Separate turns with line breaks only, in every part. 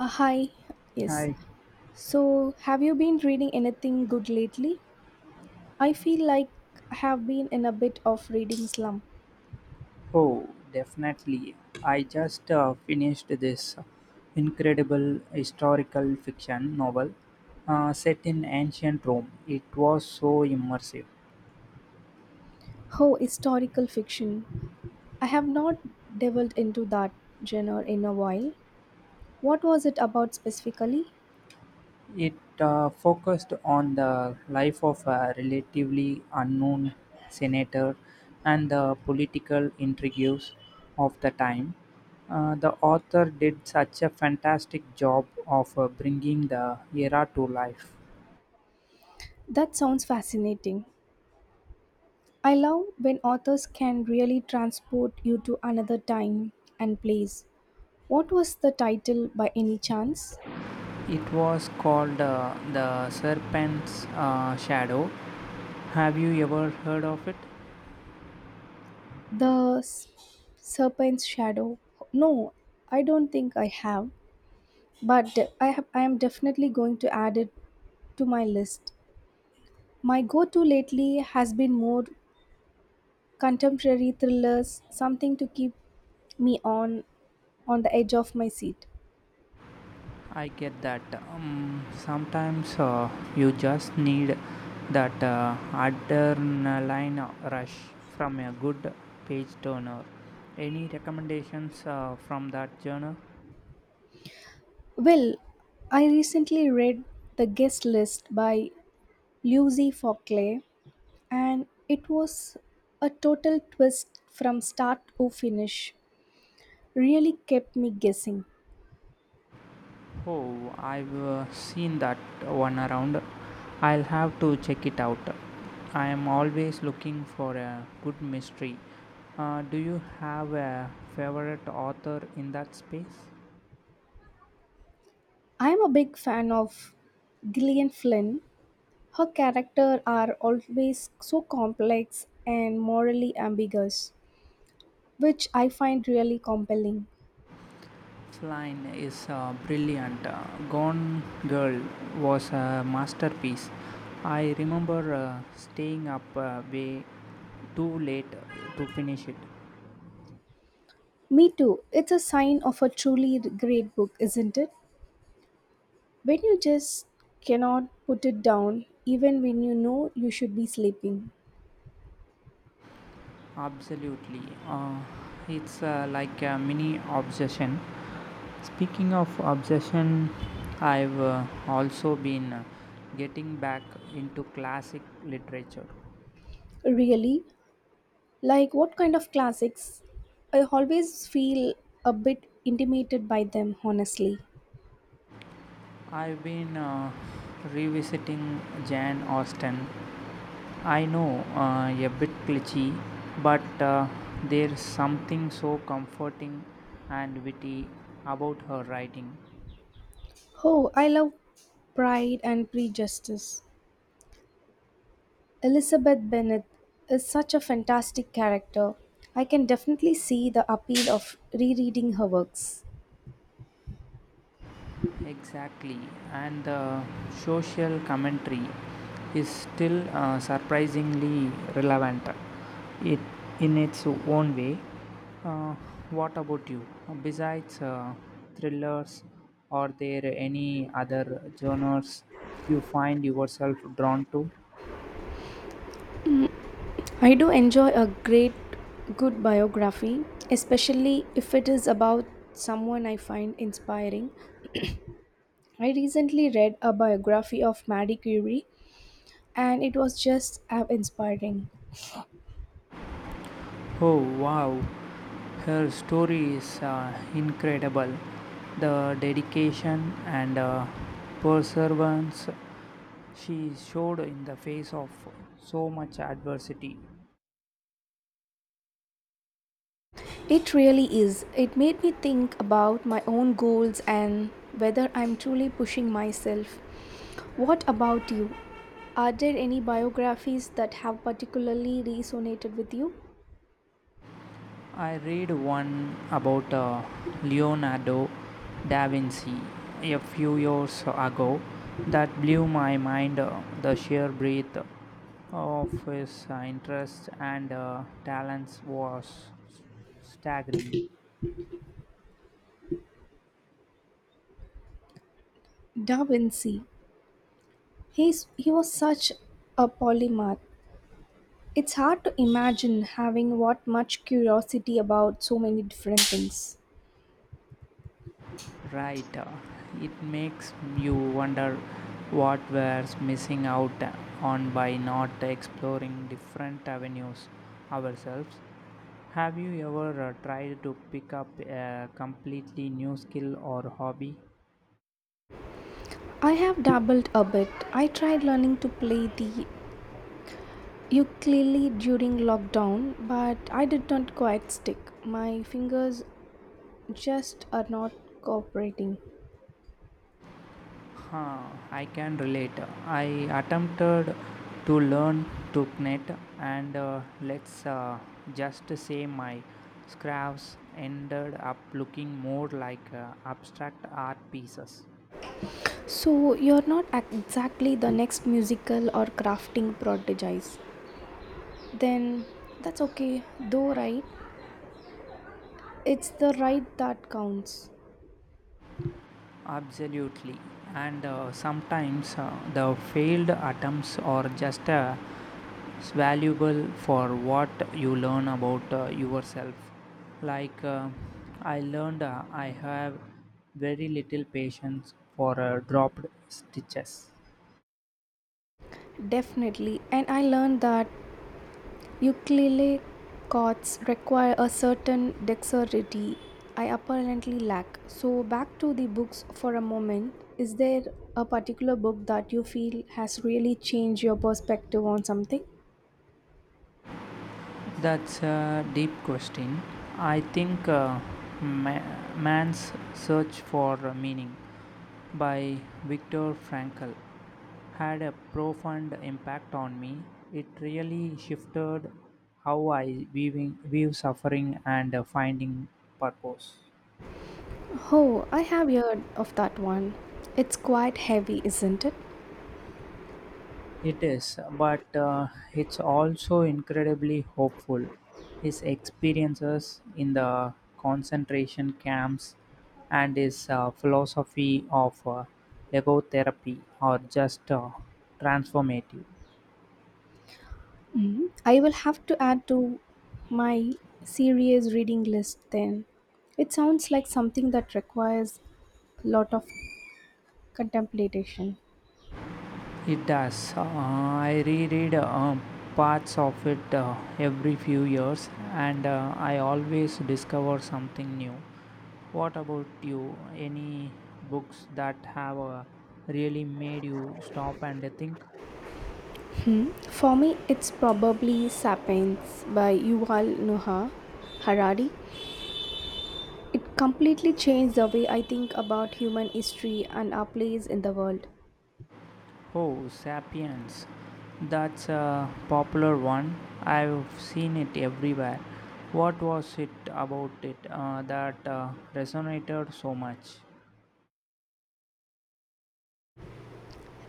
Uh, hi, yes.
I
So, have you been reading anything good lately? I feel like I have been in a bit of reading slump.
Oh, definitely. I just finished this incredible historical fiction novel set in ancient Rome. It was so immersive.
Oh, historical fiction. I have not delved into that genre in a while. What was it about specifically?
It focused on the life of a relatively unknown senator and the political intrigues of the time. The author did such a fantastic job of bringing the era to life.
That sounds fascinating. I love when authors can really transport you to another time and place. What was the title by any chance?
It was called The Serpent's Shadow. Have you ever heard of it?
The S- Serpent's Shadow. No, I don't think I have, but I am definitely going to add it to my list. My go-to lately has been more contemporary thrillers, something to keep me on the edge of my seat.
I get that. Sometimes you just need that adrenaline rush from a good page turner. Any recommendations from that journal?
Well, I recently read The Guest List by Lucy Fockley, and it was a total twist from start to finish. Really kept me guessing.
Oh, I've seen that one around. I'll have to check it out. I am always looking for a good mystery. Do you have a favorite author in that space?
I am a big fan of Gillian Flynn. Her characters are always so complex and morally ambiguous, which I find really compelling.
Line is brilliant. Gone Girl was a masterpiece. I remember staying up way too late to finish it.
Me too. It's a sign of a truly great book, isn't it? When you just cannot put it down, even when you know you should be sleeping.
Absolutely. Uh, it's like a mini obsession. Speaking of obsession, I've also been getting back into classic literature.
Really? Like what kind of classics? I always feel a bit intimidated by them, honestly.
I've been revisiting Jane Austen. I know a bit glitchy, but there's something so comforting and witty about her writing.
Oh, I love Pride and Prejudice. Elizabeth Bennet is such a fantastic character. I can definitely see the appeal of rereading her works.
Exactly, and the social commentary is still surprisingly relevant. It, in its own way. Uh, what about you? Besides thrillers, are there any other genres you find yourself drawn to?
I do enjoy a great good biography, especially if it is about someone I find inspiring. I recently read a biography of Marie Curie and it was just as inspiring.
Oh wow, her story is incredible. The dedication and perseverance she showed in the face of so much adversity.
It really is. It made me think about my own goals and whether I'm truly pushing myself. What about you? Are there any biographies that have particularly resonated with you?
I read one about Leonardo da Vinci a few years ago that blew my mind the sheer breadth of his interest and talents was staggering.
Da Vinci. He was such a polymath. It's hard to imagine having what much curiosity about so many different things.
Right. It makes you wonder what we're missing out on by not exploring different avenues ourselves. Have you ever tried to pick up a completely new skill or hobby?
I have dabbled a bit. I tried learning to play the You clearly during lockdown, but I did not quite stick. My fingers just are not cooperating.
Huh, I can relate. I attempted to learn to knit, and let's just say my scraps ended up looking more like abstract art pieces.
So you're not ac- exactly the next musical or crafting prodigies. Then that's okay, though, right? It's the right that counts.
Absolutely. And sometimes the failed attempts are just valuable for what you learn about yourself. Like, uh, I learned I have very little patience for dropped stitches.
Definitely. And I learned that Ukulele chords require a certain dexterity I apparently lack. So, back to the books for a moment. Is there a particular book that you feel has really changed your perspective on something?
That's a deep question. I think ma- Man's Search for Meaning by Viktor Frankl had a profound impact on me. It really shifted how I view suffering and finding purpose.
Oh, I have heard of that one. It's quite heavy, isn't it?
It is, but it's also incredibly hopeful. His experiences in the concentration camps and his philosophy of logotherapy are just transformative.
Mhm. I will have to add to my serious reading list then. It sounds like something that requires a lot of contemplation.
It does. I reread parts of it every few years and I always discover something new. What about you? Any books that have really made you stop and think?
For me, it's probably Sapiens by Yuval Noah Harari. It completely changed the way I think about human history and our place in the world.
Oh, Sapiens. That's a popular one. I've seen it everywhere. What was it about it that resonated so much?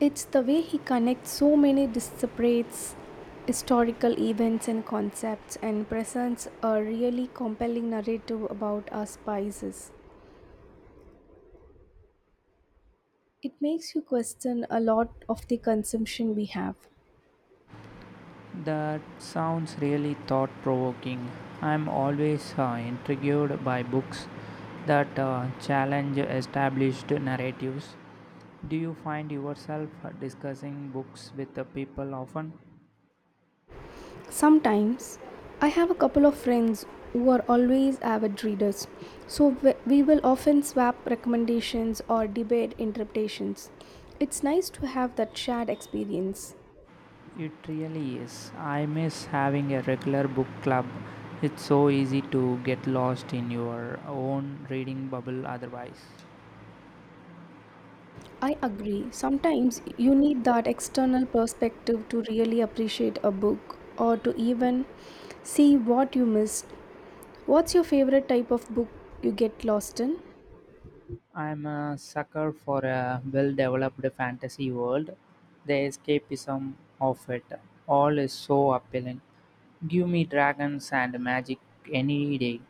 It's the way he connects so many disparate historical events and concepts and presents a really compelling narrative about our spices. It makes you question a lot of the consumption we have.
That sounds really thought provoking. I'm always intrigued by books that challenge established narratives. Do you find yourself discussing books with the people often?
Sometimes I have a couple of friends who are always avid readers, so we will often swap recommendations or debate interpretations. It's nice to have that shared experience.
It really is. I miss having a regular book club. It's so easy to get lost in your own reading bubble otherwise.
I agree, sometimes you need that external perspective to really appreciate a book or to even see what you missed. What's your favorite type of book you get lost in?
I'm a sucker for a well developed fantasy world. The escapism of it all is so appealing. Give me dragons and magic any day.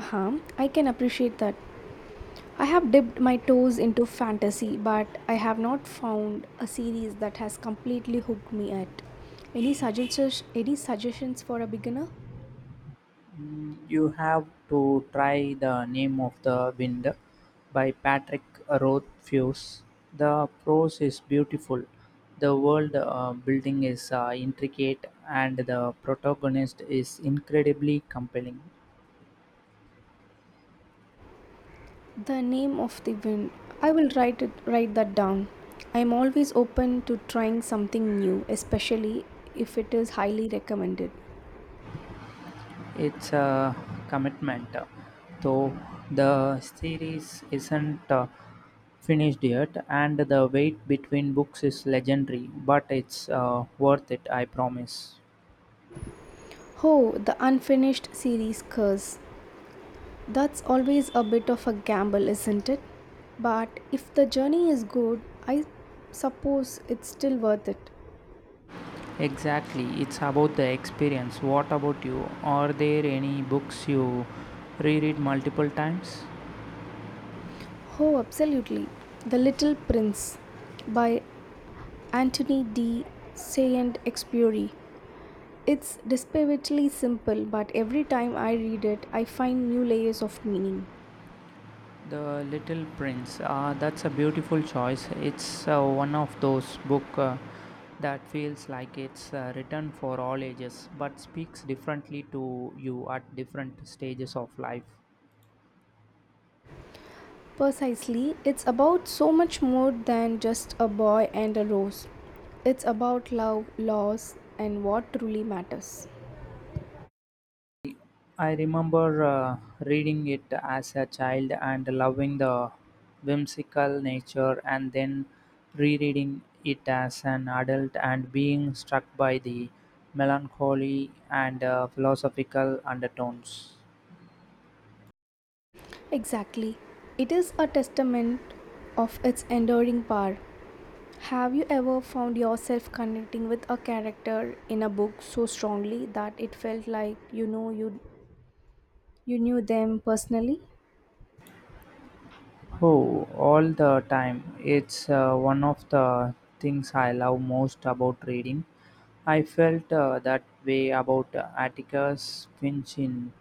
Huh, I can appreciate that. I have dipped my toes into fantasy, but I have not found a series that has completely hooked me yet. Any suggestions? Any suggestions for a beginner?
Mm, you have to try The Name of the Wind by Patrick Rothfuss. The prose is beautiful. The world building is intricate and the protagonist is incredibly compelling.
The Name of the Wind. I will write it. Write that down. I am always open to trying something new, especially if it is highly recommended.
It's a commitment. So the series isn't finished yet and the wait between books is legendary, but it's worth it, I promise.
Oh, the unfinished series curse. That's always a bit of a gamble, isn't it? But if the journey is good, I suppose it's still worth it.
Exactly, it's about the experience. What about you? Are there any books you reread multiple times?
Oh, absolutely. The Little Prince by Anthony de Saint Exupéry. It's desperately simple, but every time I read it, I find new layers of meaning.
The Little Prince. That's a beautiful choice. It's one of those book that feels like it's written for all ages, but speaks differently to you at different stages of life.
Precisely, it's about so much more than just a boy and a rose. It's about love, loss, and what truly matters.
I remember reading it as a child and loving the whimsical nature, and then rereading it as an adult and being struck by the melancholy and philosophical undertones.
Exactly. It is a testament of its enduring power. Have you ever found yourself connecting with a character in a book so strongly that it felt like you knew them personally?
Oh, all the time. It's one of the things I love most about reading. I felt that way about Atticus Finch in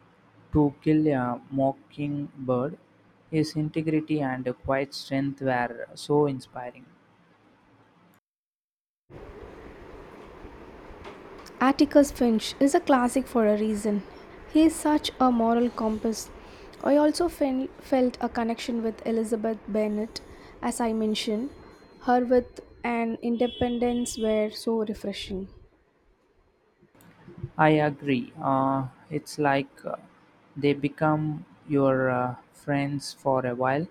To Kill a Mockingbird. His integrity and quiet strength were so inspiring.
Atticus Finch is a classic for a reason. He is such a moral compass. I also felt a connection with Elizabeth Bennet, as I mentioned. Her with and independence were so refreshing.
I agree. It's like they become your friends for a while.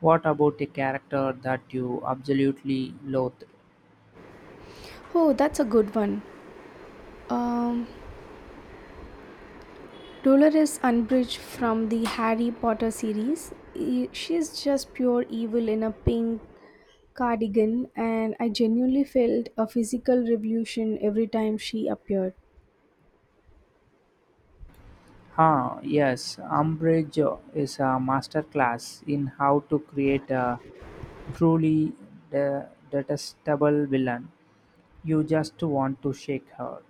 What about a character that you absolutely loathe?
Oh, that's a good one. Um, Dolores Umbridge from the Harry Potter series. She's just pure evil in a pink cardigan, and I genuinely felt a physical revolution every time she appeared.
Ah, yes, umbrage is a master class in how to create a truly detestable villain. You just want to shake her.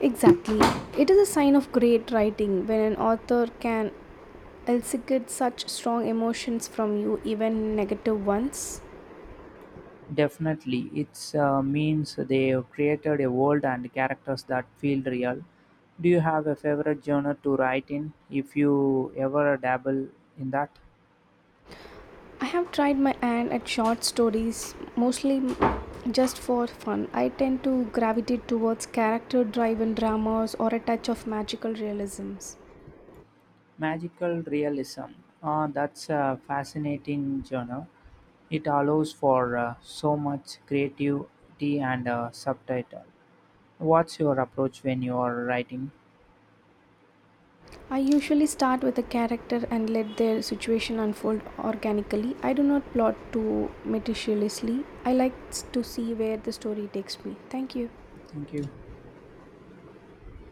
Exactly. It is a sign of great writing when an author can elicit such strong emotions from you, even negative ones.
Definitely, it means they have created a world and characters that feel real. Do you have a favorite genre to write in if you ever dabble in that?
I have tried my hand at short stories, mostly just for fun. I tend to gravitate towards character driven dramas or a touch of magical realisms.
Magical realism. Ah, that's a fascinating genre. It allows for so much creativity and subtitle. What's your approach when you are writing?
I usually start with a character and let their situation unfold organically. I do not plot too meticulously. I like to see where the story takes me. Thank you.
Thank you.